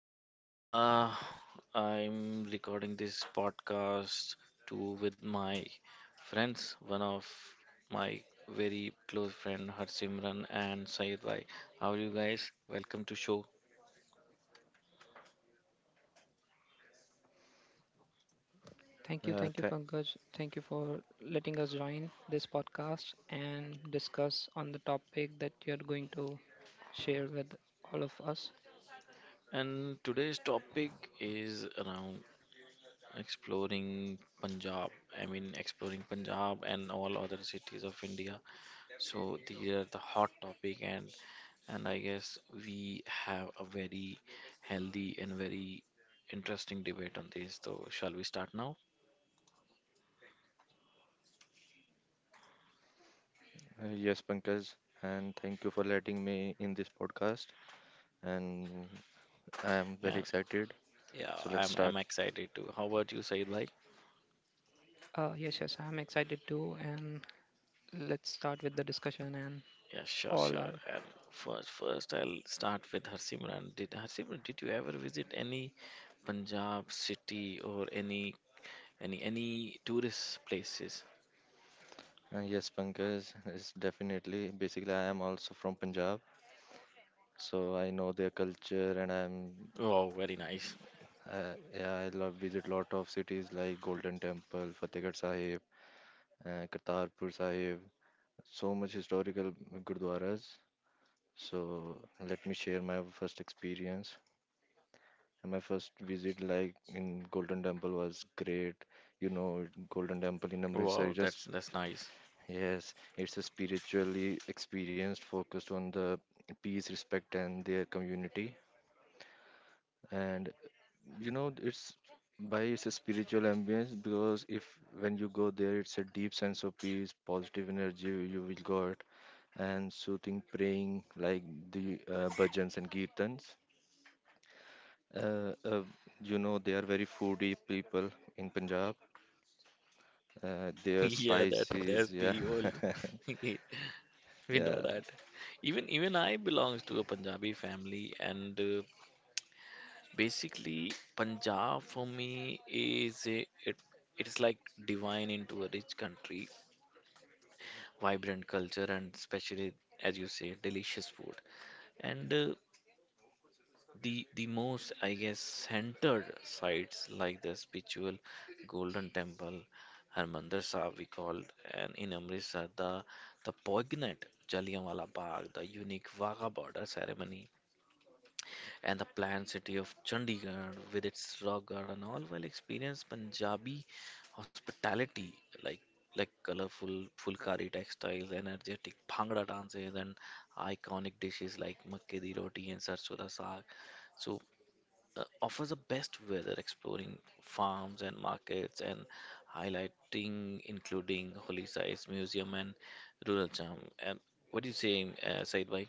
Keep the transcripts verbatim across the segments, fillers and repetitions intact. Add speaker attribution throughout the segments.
Speaker 1: you? Uh, I'm recording this podcast too with my friends. One of my very close friend Harsimran and Saeed Bhai. How are you guys? Welcome to show.
Speaker 2: Thank you, thank you, Pankaj. Thank you for letting us join this podcast and discuss on the topic that you're going to share with all of us.
Speaker 1: And today's topic is around exploring Punjab. I mean exploring Punjab and all other cities of India. So these are the hot topic and and I guess we have a very healthy and very interesting debate on this. So, shall we start now? And yeah, I'm I'm excited too. How about you, Said Bhai?
Speaker 2: Uh, yes, yes, I'm excited too. And let's start with the discussion and
Speaker 1: Yeah, sure,
Speaker 2: all
Speaker 1: sure.
Speaker 2: are.
Speaker 1: And first, first I'll start with Harsimran. Did Harsimran, did you ever visit any Punjab city or any any any tourist places? Wow, very nice. Wow, that's that's nice. Yeah, that that's the whole. We know that. Even even I belongs to a Punjabi family, and uh, basically Punjab for me is a, it it is like divine into a rich country, vibrant culture, and especially as you say, delicious food. And uh, the the most I guess centered sites like the spiritual Golden Temple, Harmandir Sahib we called, and in Amritsar the the poignant Jallianwala Bagh, the unique Wagha border ceremony and the planned city of Chandigarh with its rock garden, all while experience Punjabi hospitality like like colorful fulkari textiles, energetic bhangra dances, and iconic dishes like makke di roti and sarson da saag. So uh, offers the best weather exploring farms and markets and highlighting including holy sites museum and rural charm and what do you say, uh, Said bhai?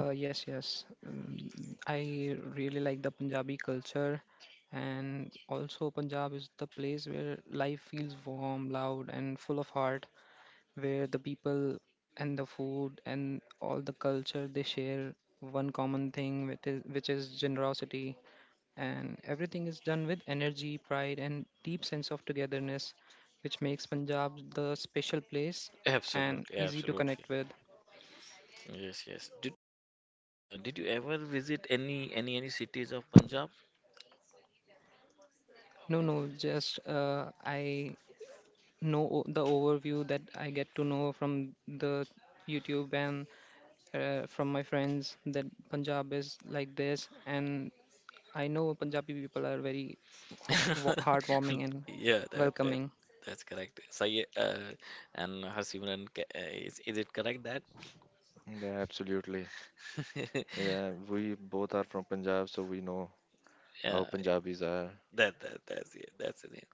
Speaker 2: Uh, yes, yes. mm, I really like the Punjabi culture, and also Punjab is the place where life feels warm, loud, and full of heart. Where the people and the food and all the culture they share one common thing which is, which is generosity, and everything is done with energy, pride, and deep sense of togetherness, which makes Punjab the special place and
Speaker 1: Absolutely,
Speaker 2: easy to
Speaker 1: absolutely.
Speaker 2: connect with.
Speaker 1: Yes, yes. Do Uh, did you ever visit any any any cities of Punjab?
Speaker 2: No, no, just uh, I know o- the overview that I get to know from the YouTube and uh, from my friends that Punjab is like this. And I know Punjabi people are very ho- wa- heartwarming and
Speaker 1: Yeah, that that
Speaker 2: welcoming.
Speaker 1: that's correct. Say, uh, and Harsimran, ca- uh, is is it correct that? Yeah, that that that's it. That's it.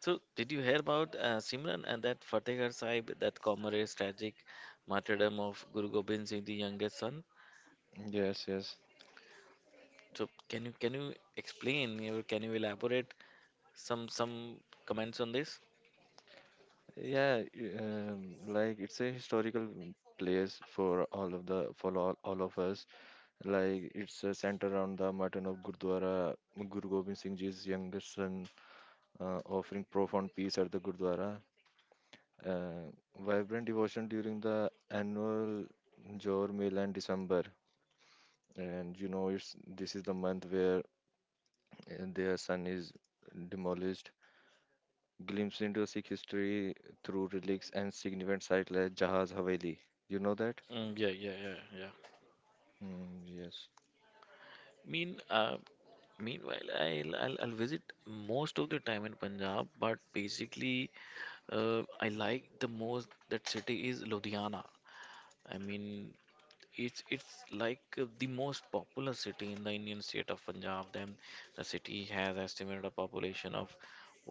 Speaker 1: So, did you hear about, uh, Simran, and that Fatehgarh Sahib, that comrade's tragic martyrdom of Guru Gobind Singh, the youngest son? So, can you can you explain or can you elaborate some some comments on this? Mm, yeah, yeah, yeah, yeah. Mean, uh, meanwhile, I'll, I'll I'll visit most of the time in Punjab, but basically, uh, I like the most that city is Ludhiana. I mean, it's it's like uh, the most popular city in the Indian state of Punjab. Then the city has estimated a population of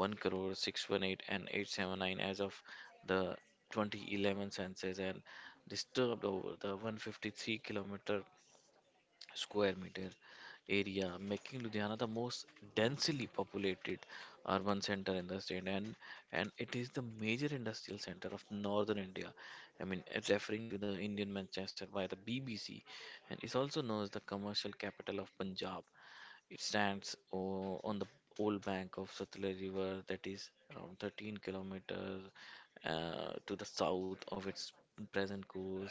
Speaker 1: one crore six one eight and eight seven nine as of the twenty eleven census and disturbed over the one hundred fifty-three kilometer square meter area, making Ludhiana the most densely populated urban center in the state, and and it is the major industrial center of northern India. I mean, it's referring to the Indian Manchester by the B B C, and is also known as the commercial capital of Punjab. It stands o- on the old bank of Sutlej River that is around thirteen kilometers uh, to the south of its present course.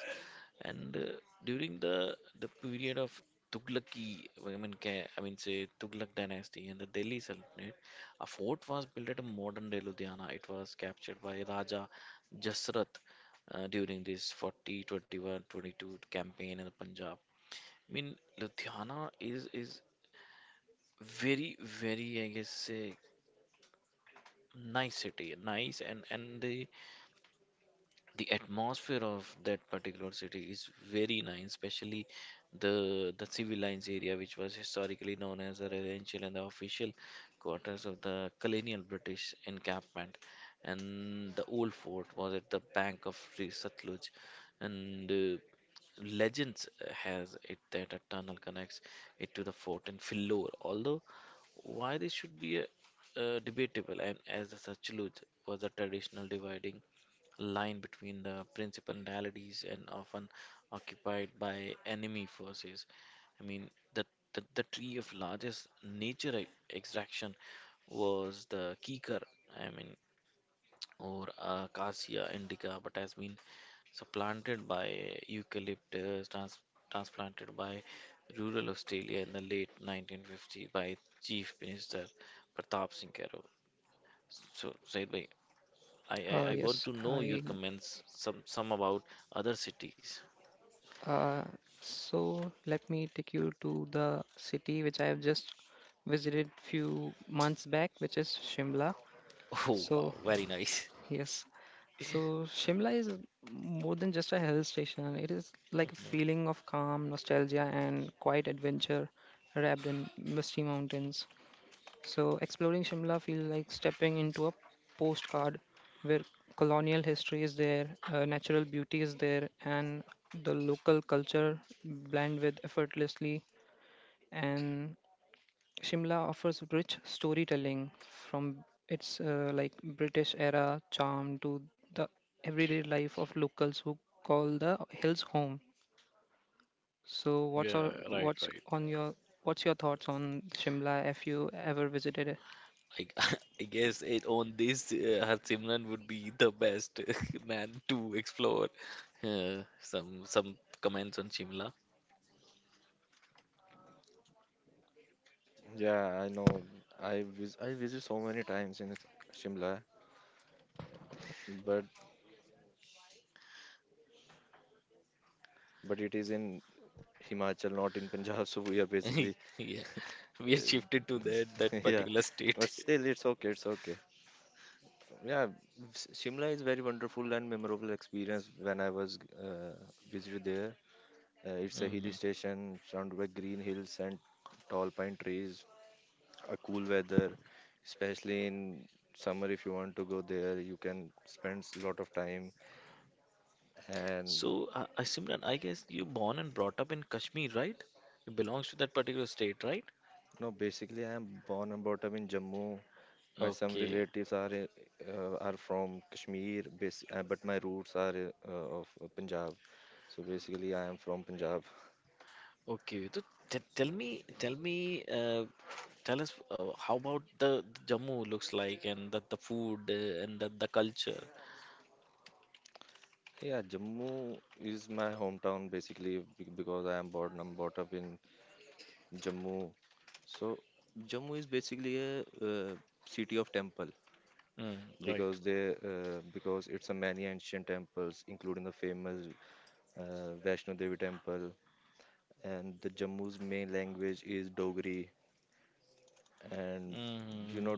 Speaker 1: And uh, during the the period of Tughlaqi, I mean, ca- I mean say Tughlaq dynasty and the Delhi Sultanate, a fort was built at modern day Ludhiana. It was captured by Raja Jasrath uh, during this forty, twenty-one, twenty-two campaign in the Punjab. I mean, Ludhiana is is very very I guess say nice city nice and and the the atmosphere of that particular city is very nice, especially the the civil lines area, which was historically known as the residential and the official quarters of the colonial British encampment. And the old fort was at the bank of Sri Satluj, and uh, legends has it that a tunnel connects it to the fort in Phillour. Although why this should be a, uh, debatable, and as the Satluj was a traditional dividing line between the principalities and often occupied by enemy forces. I mean, the, the, the tree of largest nature e- extraction was the kikar, I mean, or acacia indica, but has been supplanted by eucalyptus, trans- transplanted by rural Australia in the late nineteen fifties by Chief Minister Pratap Singh Khairo. So, Said, I, I, I
Speaker 2: Uh,
Speaker 1: want to
Speaker 2: yes,
Speaker 1: know your
Speaker 2: I.
Speaker 1: comments, some some about other cities.
Speaker 2: Uh, so let me take you to the city which I have just visited few months back, which is Shimla.
Speaker 1: Oh wow,
Speaker 2: So
Speaker 1: very nice.
Speaker 2: yes, so Shimla is more than just a hill station. It is like a
Speaker 1: Mhm.
Speaker 2: feeling of calm, nostalgia, and quiet adventure, wrapped in misty mountains. So, exploring Shimla feels like stepping into a postcard where colonial history is there, uh, natural beauty is there, and the local culture blend with effortlessly. And Shimla offers rich storytelling from its uh, like British era charm to the everyday life of locals who call the hills home. So,
Speaker 1: Mm,
Speaker 2: what's
Speaker 1: yeah,
Speaker 2: our,
Speaker 1: right,
Speaker 2: what's
Speaker 1: right.
Speaker 2: on your what's your thoughts on Shimla if you ever visited it?
Speaker 1: I, I guess it on this, uh, Har Simran would be the best man to explore. Uh, some some comments on Shimla. Yeah, we are shifted to that that particular state. Hmm. So, uh, uh, Simran, I guess you born and brought up in Kashmir, right? You belongs to that particular state, right? Okay. Okay, so t tell me, tell me, uh, tell us, uh, how about the Jammu looks like and the, the food, uh, and the, the culture. Mm, right. Mm,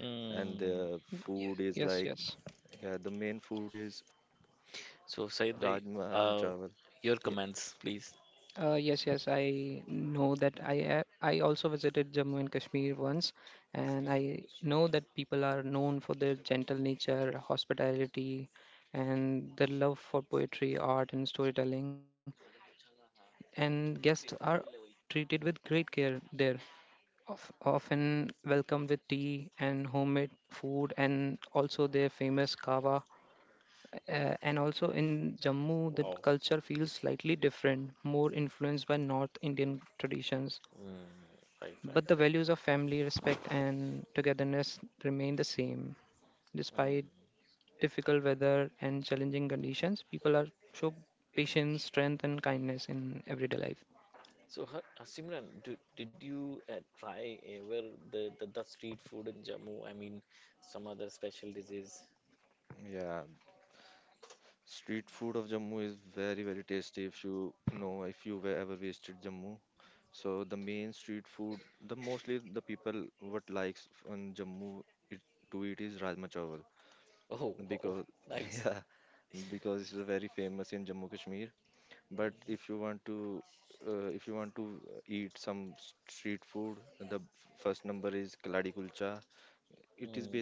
Speaker 1: mm.
Speaker 2: Yes, yes, yes.
Speaker 1: So, Said bhai, uh, your comments, please.
Speaker 2: Uh, yes, yes, I know that. I a- I also visited Jammu and Kashmir once, and I know that people are known for their gentle nature, hospitality, and their love for poetry, art, and storytelling. And guests are treated with great care there, of, often welcomed with tea and homemade food, and also their famous kava,
Speaker 1: Yeah,
Speaker 2: uh, and also in Jammu, the
Speaker 1: wow.
Speaker 2: culture feels slightly different, more influenced by North Indian traditions.
Speaker 1: Mm, right, right,
Speaker 2: But the
Speaker 1: right.
Speaker 2: values of family, respect, and togetherness remain the same. Despite
Speaker 1: Mm.
Speaker 2: difficult weather and challenging conditions, people are show patience, strength, and kindness in everyday life.
Speaker 1: So, Ha- uh, Simran, do, did you uh, try ever the, the, the street food in Jammu? I mean, some other special dishes. Oh, wow, nice. Mm.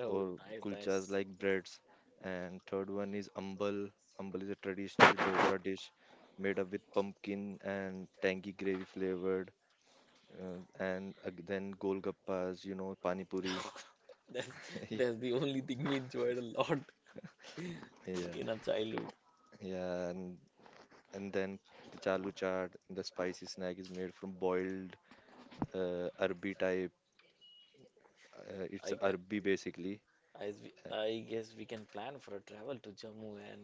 Speaker 1: Oh, nice, nice. That's that's the only thing we enjoyed a lot in our childhood. I guess, I, I guess we can plan for a travel to Jammu and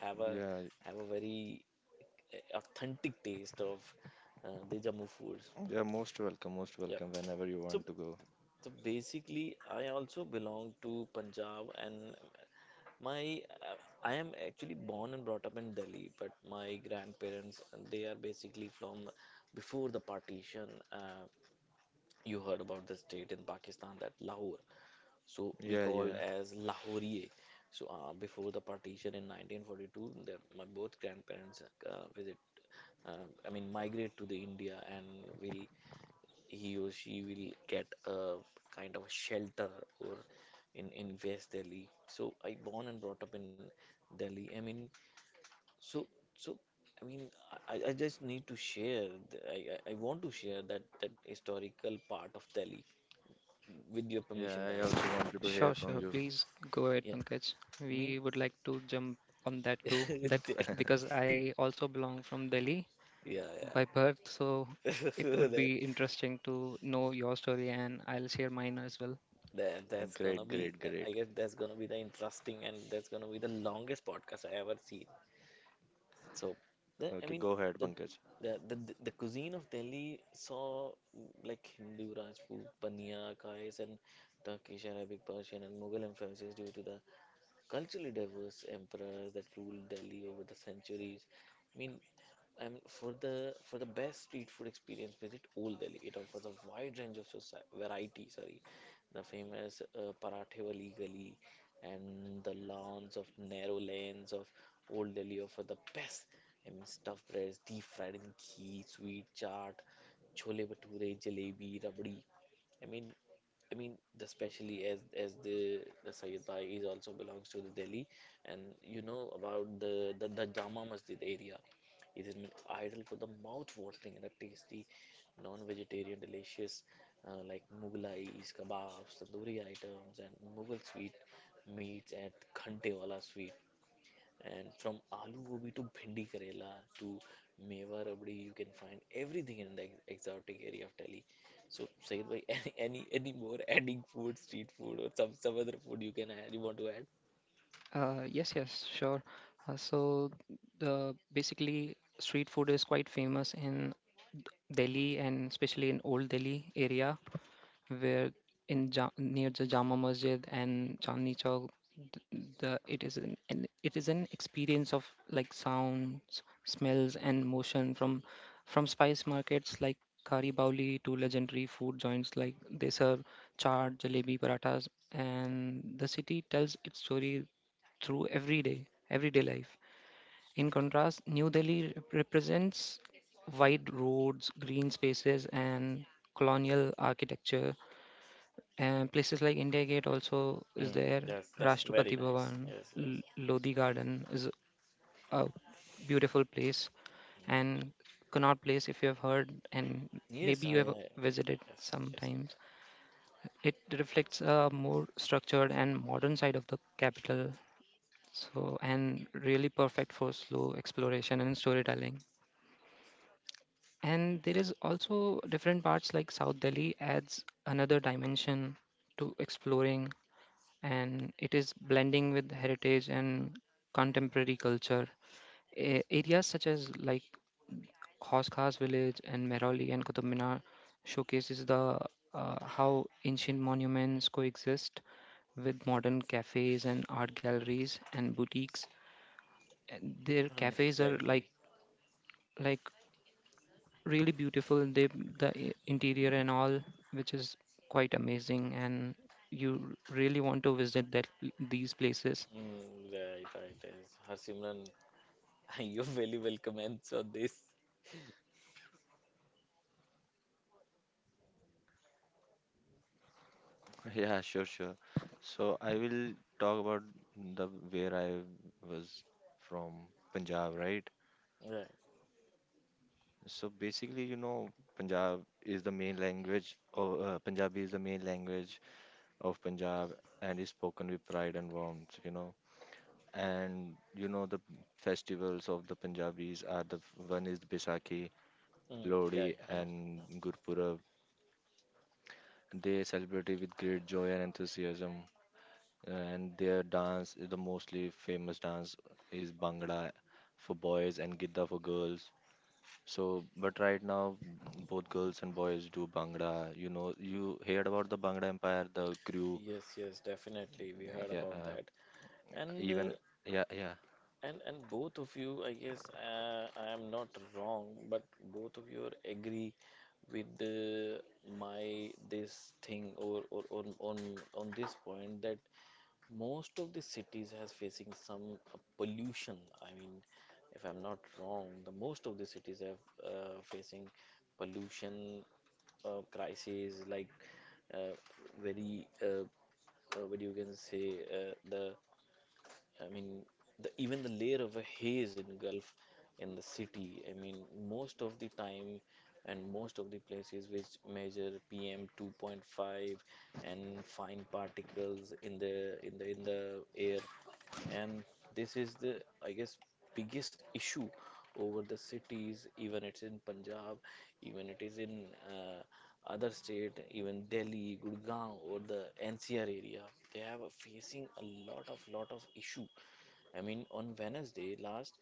Speaker 1: have a have a very uh, authentic taste of uh, the Jammu food. Yep. So, so basically, I also belong to Punjab, and my, uh, I am actually born and brought up in Delhi, but my grandparents, they are basically from before the partition. Uh, you heard about the state in Pakistan that Lahore, so we called as Lahore. So uh, before the partition in nineteen forty-two, the, my both grandparents uh, visit, uh, I mean migrate to the India, and will he or she will get a kind of a shelter or in in West Delhi. So I born and brought up in Delhi. I mean, so, so I mean, I, I just need to share. th- I, I I want to share that that historical part of Delhi with your permission, guys.
Speaker 2: Sure, sure. Please go ahead,
Speaker 1: Yeah,
Speaker 2: Pankaj.
Speaker 1: I mean
Speaker 2: We would like to jump on that too. That
Speaker 1: that.
Speaker 2: because I also belong from Delhi
Speaker 1: Yeah, yeah.
Speaker 2: by birth, so it would
Speaker 1: That,
Speaker 2: be interesting to know your story, and I'll share mine as well.
Speaker 1: that that's gonna be. I guess that's gonna be the interesting and that's gonna be the longest podcast I ever seen. So, the, I mean, the, the the the cuisine of Delhi saw mm, like Hindu, Rajput, Pania, Kais, and Turkish, Arabic, Persian, and Mughal influences due to the culturally diverse emperors that ruled Delhi over the centuries. I mean, and for the for the best street food experience, visit Old Delhi. It offers a wide range of soci- variety. Sorry, the famous, uh, Parathe Wali Gali and the lawns of narrow lanes of Old Delhi offer the best. I mean, stuffed breads, deep fried in ghee, sweet chaat, chole bhature, jalebi, rabdi. I mean, I mean, Especially as as the the Sayyid Bhai is also belongs to the Delhi, and you know about the the, the Jama Masjid area. It is an idol for the mouth-watering and a tasty, non-vegetarian, delicious uh, like Mughlais, kebabs, tandoori items, and Mughal sweet meats at Khantewalas and from aloo gobi to bhindi karela to meva rabdi, you can find everything in the ex- exotic area of Delhi. So, Sayed bhai, any any any more adding food, street food, or some some other food you can add, you want to add?
Speaker 2: Uh, yes, yes, sure. Uh, so the basically street food is quite famous in Delhi and especially in Old Delhi area. Where in ja- near the Jama Masjid and Chandni Chowk, th- the it is an, an it is an experience of like sounds, smells, and motion from from spice markets like Kari Bauli to legendary food joints like they serve chaat, jalebi, parathas, and the city tells its story through everyday everyday life. In contrast, New Delhi rep- represents wide roads, green spaces, and colonial architecture, and places like India Gate also is
Speaker 1: Mm,
Speaker 2: there.
Speaker 1: that's that's very
Speaker 2: Rashtrapati
Speaker 1: nice.
Speaker 2: Bhavan,
Speaker 1: Yes, yes,
Speaker 2: L- Lodi Garden is a beautiful place. And Connaught Place, if you have heard, and
Speaker 1: yes,
Speaker 2: maybe
Speaker 1: I,
Speaker 2: you have
Speaker 1: I
Speaker 2: visited
Speaker 1: yes, yes.
Speaker 2: sometimes, it reflects a more structured and modern side of the capital. So, and really perfect for slow exploration and storytelling. And there is also different parts like South Delhi adds another dimension to exploring, and it is blending with heritage and contemporary culture. A- areas such as like Khos Khas village and Mehrauli and Qutub Minar showcases the uh, how ancient monuments coexist with modern cafes and art galleries and boutiques. And their
Speaker 1: Mm,
Speaker 2: cafes are like
Speaker 1: exactly.
Speaker 2: like really beautiful. They the i- interior and all, which is quite amazing, and you really want to visit that these places.
Speaker 1: Mm, right, right. Yes. Harsimran. You're very well comments on this. Yeah. Mm, yeah, I know. Know. Yes, yes, definitely. We heard about that. And uh, And and both of you, I guess, uh, I am not wrong, but both of you are agree with the, my this thing or or on on on this point that most of the cities has facing some, uh, pollution. I mean, if I'm not wrong, the most of the cities have uh, facing pollution, uh, crisis like, uh, very uh, uh, what you can say, uh, the I mean, the, even the layer of a haze engulf in the city. I mean, most of the time and most of the places which measure P M two point five and fine particles in the in the in the air. And this is the, I guess, biggest issue over the cities. Even it's in Punjab, even it is in, uh, other state, even Delhi, Gurgaon or the N C R area. They have a- facing a lot of lot of issue. I mean, on Wednesday last,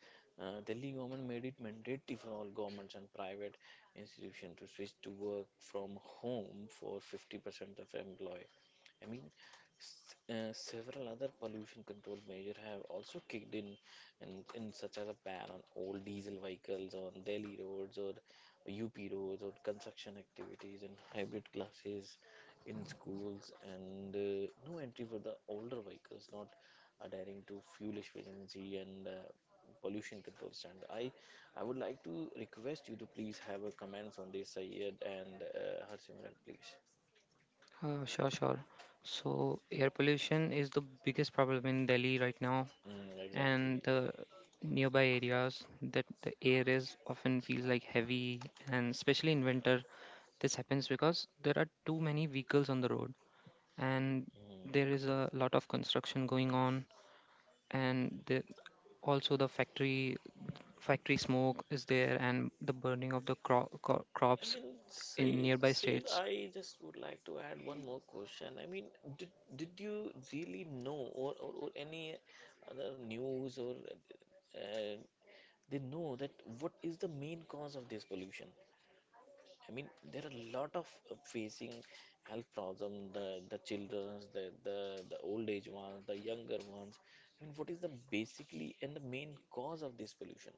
Speaker 1: uh, Delhi government made it mandatory for all governments and private institutions to switch to work from home for fifty percent of employee. I mean, S- uh, several other pollution control measures have also kicked in, in, in such as a ban on all diesel vehicles on Delhi roads or U P roads or construction activities and hybrid classes in schools and, uh, no entry for the older vehicles not adhering to fuel efficiency and, uh, pollution control standard. I I would like to request you to please have a comments on this, Sayed and, uh, Harsimran, please.
Speaker 2: Uh, sure, sure. So, air pollution is the biggest problem in Delhi right now,
Speaker 1: Mm,
Speaker 2: and
Speaker 1: exactly.
Speaker 2: the nearby areas that the air is often feels like heavy, and especially in winter, this happens because there are too many vehicles on the road, and
Speaker 1: Mm.
Speaker 2: there is a lot of construction going on, and the, also the factory factory smoke is there, and the burning of the cro- cro-
Speaker 1: I
Speaker 2: crops
Speaker 1: mean,
Speaker 2: in
Speaker 1: Sayed,
Speaker 2: nearby
Speaker 1: Sayed,
Speaker 2: states.
Speaker 1: I just would like to add one more question. I mean, did did you really know, or, or, or any other news, or uh, they know that what is the main cause of this pollution? I mean, there are a lot of uh, facing health problem, the the childrens, the, the the old age ones, the younger ones. I mean, what is the basically and the main cause of this pollution?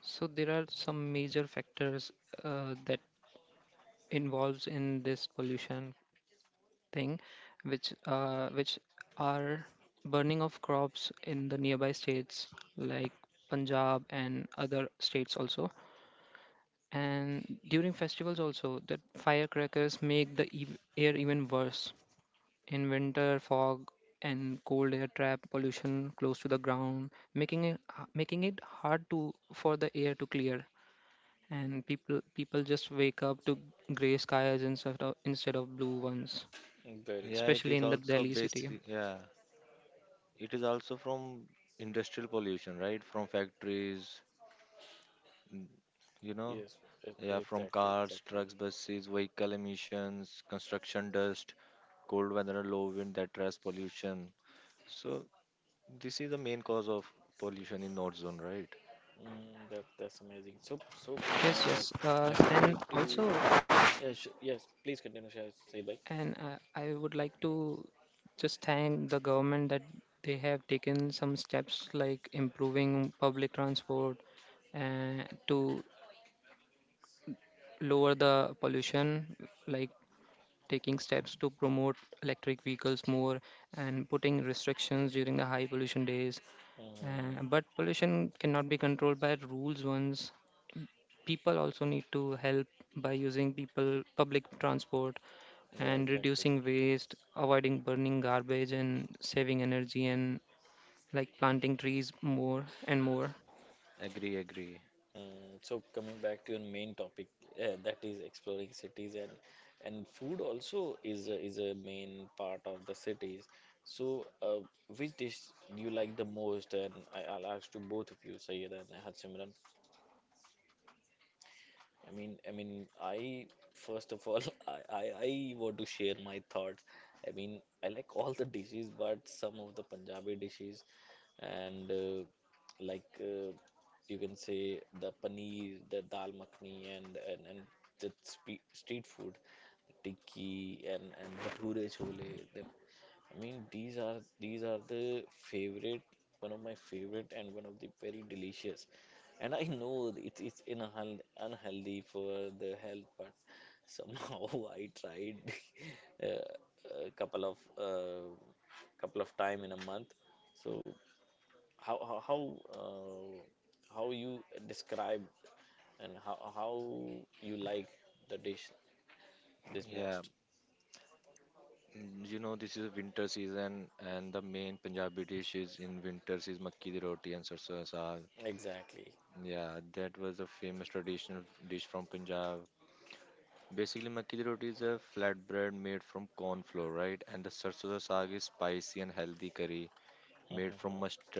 Speaker 2: So there are some major factors uh, that involves in this pollution thing, which uh, which are burning of crops in the nearby states like Punjab and other states also. And during festivals also, that firecrackers make the ev air even worse. In winter, fog and cold air trap pollution close to the ground, making it making it hard to for the air to clear, and people people just wake up to gray skies instead of instead of blue ones,
Speaker 1: Very nice.
Speaker 2: especially in the Delhi city.
Speaker 1: Yes, e- exactly, exactly. Mm, that that's amazing. So so
Speaker 2: Yes,
Speaker 1: uh,
Speaker 2: yes, uh,
Speaker 1: I would
Speaker 2: and
Speaker 1: like to,
Speaker 2: also.
Speaker 1: yes sh- yes, please continue Shah Said bhai.
Speaker 2: And uh, I would like to just thank the government that they have taken some steps like improving public transport uh, to lower the pollution, like taking steps to promote electric vehicles more and putting restrictions during the high pollution days.
Speaker 1: Mm,
Speaker 2: Uh, but pollution cannot be controlled by rules once. People also need to help by using people public transport
Speaker 1: yeah,
Speaker 2: and
Speaker 1: exactly.
Speaker 2: reducing waste, avoiding burning garbage and saving energy, and like planting trees more and more.
Speaker 1: Mm, so coming back to your main topic, uh, that is exploring cities, and and food also is a, is a main part of the cities. So uh, which dish do you like the most? And I, I'll ask to both of you, Sayed and Harsimran. I mean, I mean, I first of all, I, I, I want to share my thoughts. I mean, I like all the dishes, but some of the Punjabi dishes and uh, like uh, you can say the paneer, the dal makhani, and and and the spe street food, tikki and and bhature chole. I mean, these are these are the favorite, one of my favorite, and one of the very delicious. And I know it, it's unhealthy, unhealthy for the health, but somehow I tried uh, a couple of uh, couple of time in a month. So how how how, uh, how you describe, and how how you like the dish this most? Exactly. Mm-hmm.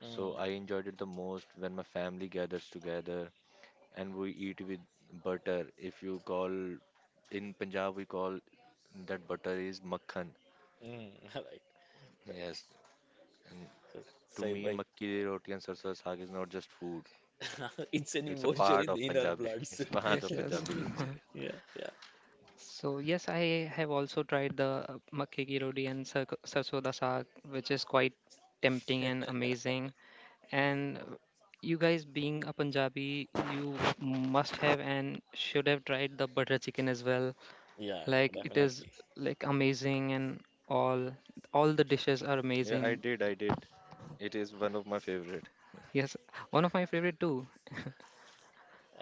Speaker 1: Mm, mm, right, right. Said by, it's an emotion in, in our bloods.
Speaker 2: Yes, yes.
Speaker 1: Yeah, yeah,
Speaker 2: So yes, I have also tried the uh, makke ki roti and sar- sarson da saag, which is quite tempting and amazing. And uh, you guys, being a Punjabi, you must have and should have tried the butter chicken as well.
Speaker 1: yeah,
Speaker 2: Like it
Speaker 1: definitely.
Speaker 2: is like amazing, and all all the dishes are amazing. Yes, one of my favorite too.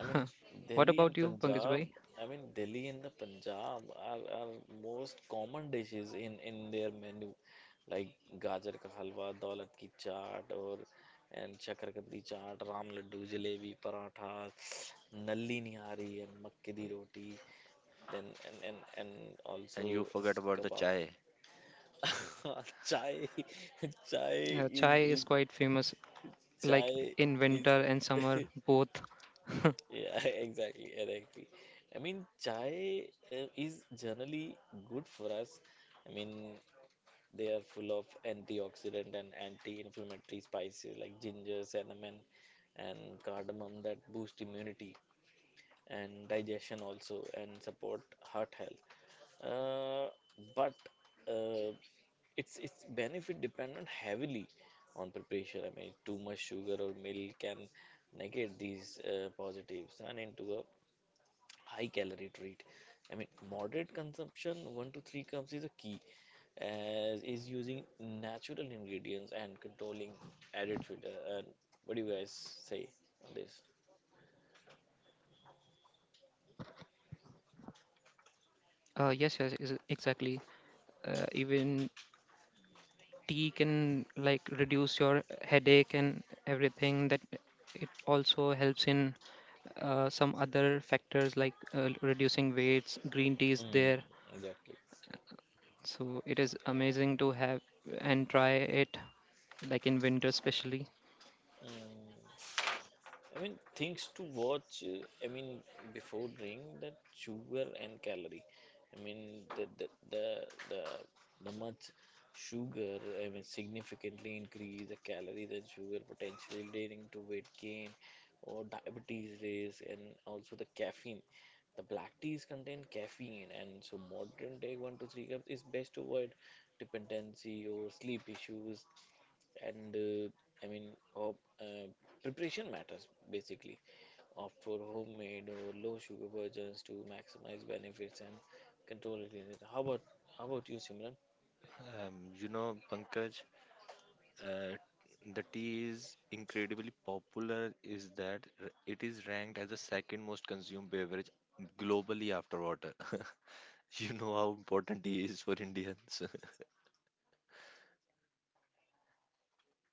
Speaker 1: I mean,
Speaker 2: What
Speaker 1: Delhi and
Speaker 2: about you, Pankaj
Speaker 1: Punjab.
Speaker 2: bhai?
Speaker 1: I mean, Delhi and the Punjab are, are most common dishes in in their menu, like gajar ka halwa, daulat ki chaat, or and chakrakandi chaat, ram laddu, jalebi, paratha, nalli nihari, and makke di roti. Then and and and also s- kebab. Chai, chai
Speaker 2: Uh,
Speaker 1: is,
Speaker 2: chai is
Speaker 1: is
Speaker 2: quite famous, like
Speaker 1: chai
Speaker 2: in
Speaker 1: is
Speaker 2: winter and summer both.
Speaker 1: yeah, exactly, exactly. I mean chai uh, is generally good for us. I mean, they are full of antioxidant and anti-inflammatory spices like ginger, cinnamon, and cardamom that boost immunity and digestion also, and support heart health. Uh, but uh, it's it's benefit dependent heavily on preparation. I mean, too much sugar or milk can negate these uh, positives and into a high calorie treat. I mean, moderate consumption, one to three cups is a key, as is using natural ingredients and controlling added sugar. And what do you guys say on this?
Speaker 2: Uh, yes, yes, ex- exactly. Uh, even tea can like reduce your headache and everything. That it also helps in uh, some other factors like uh, reducing weights. Green tea is
Speaker 1: Mm,
Speaker 2: there,
Speaker 1: exactly.
Speaker 2: so it is amazing to have and try it, like in winter especially.
Speaker 1: Mm, I mean, things to watch. uh, I mean, before drink that sugar and calorie. I mean, the the the the, the much sugar. I mean, significantly increase the calories and sugar, potentially leading to weight gain or diabetes risk, and also the caffeine. The black teas contain caffeine, and so modern day one to three cups is best to avoid dependency or sleep issues, and uh, I mean, of, uh, preparation matters basically. Opt for homemade or low sugar versions to maximize benefits and control illness. How about how about you, Simran?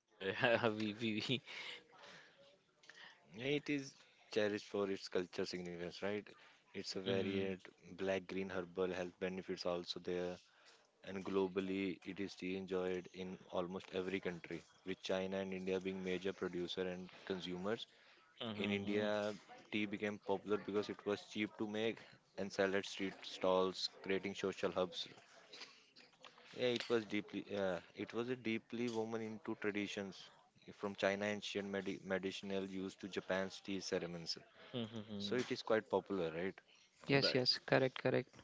Speaker 1: Yeah, yeah, we we, we. Mm, mm, mm, mm, mm, mm.
Speaker 2: Yes,
Speaker 1: Right.
Speaker 2: yes, correct, correct.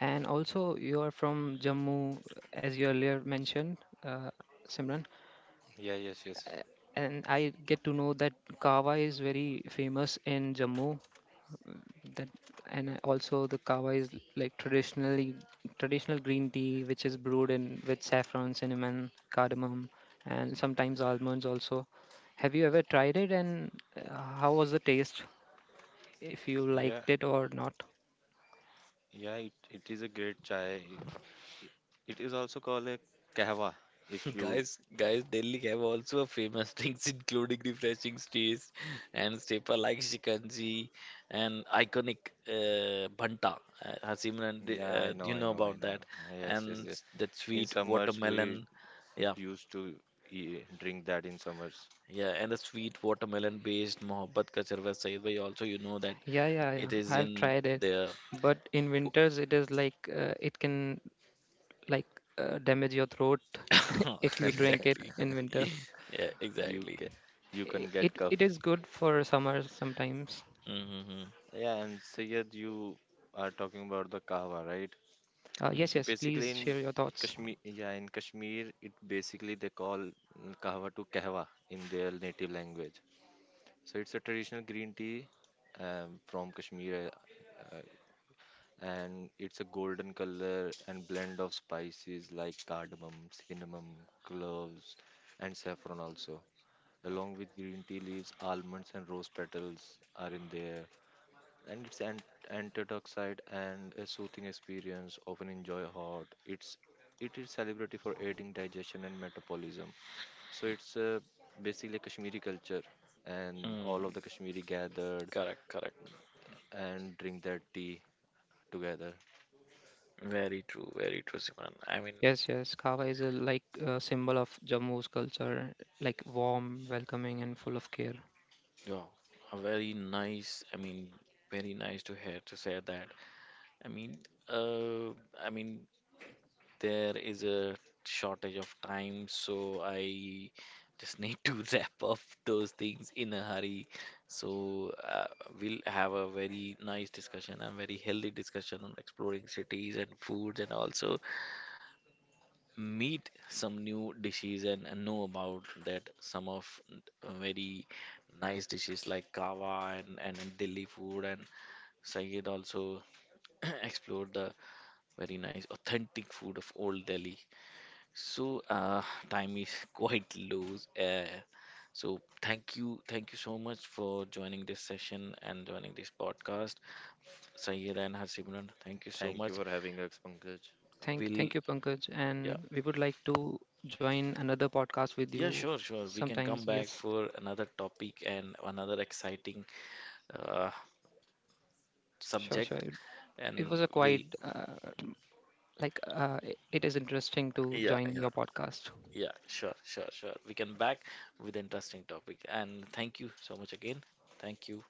Speaker 2: And also, you are from Jammu, as you earlier mentioned, uh, Simran. And I get to know that kava is very famous in Jammu. That and also the kava is like traditionally traditional green tea, which is brewed in with saffron, cinnamon, cardamom, and sometimes almonds also. Have you ever tried it, and uh, how was the taste? If you liked it or not?
Speaker 1: Guys, guys, Delhi have also a famous drinks including refreshing stays and staple like shikanji and iconic uh, bhanta. Uh, uh, Simran, d- uh, do you know about that? And s- that sweet watermelon, yeah, yeah, and the sweet watermelon based mohabbat ka charwa Said bhai. Also, you know that
Speaker 2: Yeah, yeah,
Speaker 1: it
Speaker 2: yeah.
Speaker 1: is
Speaker 2: I've
Speaker 1: in
Speaker 2: tried it,
Speaker 1: the.
Speaker 2: but in winters it is like uh, it can like uh, damage your throat if you drink it
Speaker 1: Exactly,
Speaker 2: in winter.
Speaker 1: yeah, exactly.
Speaker 2: I- It it is good for summer sometimes.
Speaker 1: Mm-hmm.
Speaker 2: Uh,
Speaker 1: Mm,
Speaker 2: yes, yes. Please share your thoughts.
Speaker 1: mm, correct, correct. Very true, very true, Simran. I mean,
Speaker 2: Yes, yes. Kava is a like a symbol of Jammu's culture, like warm, welcoming, and full of care.
Speaker 1: yeah, a very nice. I mean, very nice to hear to say that. I mean, uh, I mean, there is a shortage of time, so I just need to wrap up those things in a hurry. So uh, we'll have a very nice discussion, a very healthy discussion on exploring cities and foods, and also meet some new dishes, and, and know about that some of very nice dishes like kava, and, and, and Delhi food, and Sayed also explored the very nice authentic food of old Delhi. So uh, time is quite low. Uh, so thank you, thank you so much for joining this session and joining this podcast, Sayed and Harsimran. Thank you so much.
Speaker 2: Thank
Speaker 1: We'll,
Speaker 2: thank you, Pankaj.
Speaker 1: yeah.
Speaker 2: And we would like to join another podcast with
Speaker 1: Yeah,
Speaker 2: you
Speaker 1: sure, sure. We can
Speaker 2: sometimes.
Speaker 1: come back
Speaker 2: Yes,
Speaker 1: for another topic and another exciting uh,
Speaker 2: sure, sure.
Speaker 1: subject,
Speaker 2: It, it
Speaker 1: and
Speaker 2: was a
Speaker 1: we'll.
Speaker 2: quite uh, like uh, it it is interesting to
Speaker 1: Yeah,
Speaker 2: join
Speaker 1: yeah,
Speaker 2: your podcast.
Speaker 1: yeah. Sure, sure, sure. We can back with interesting topic. And thank you so much again. Thank you.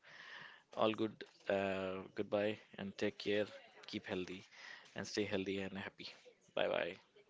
Speaker 1: All good. Uh, goodbye, and take care. Keep healthy, and stay healthy and happy. Bye, bye.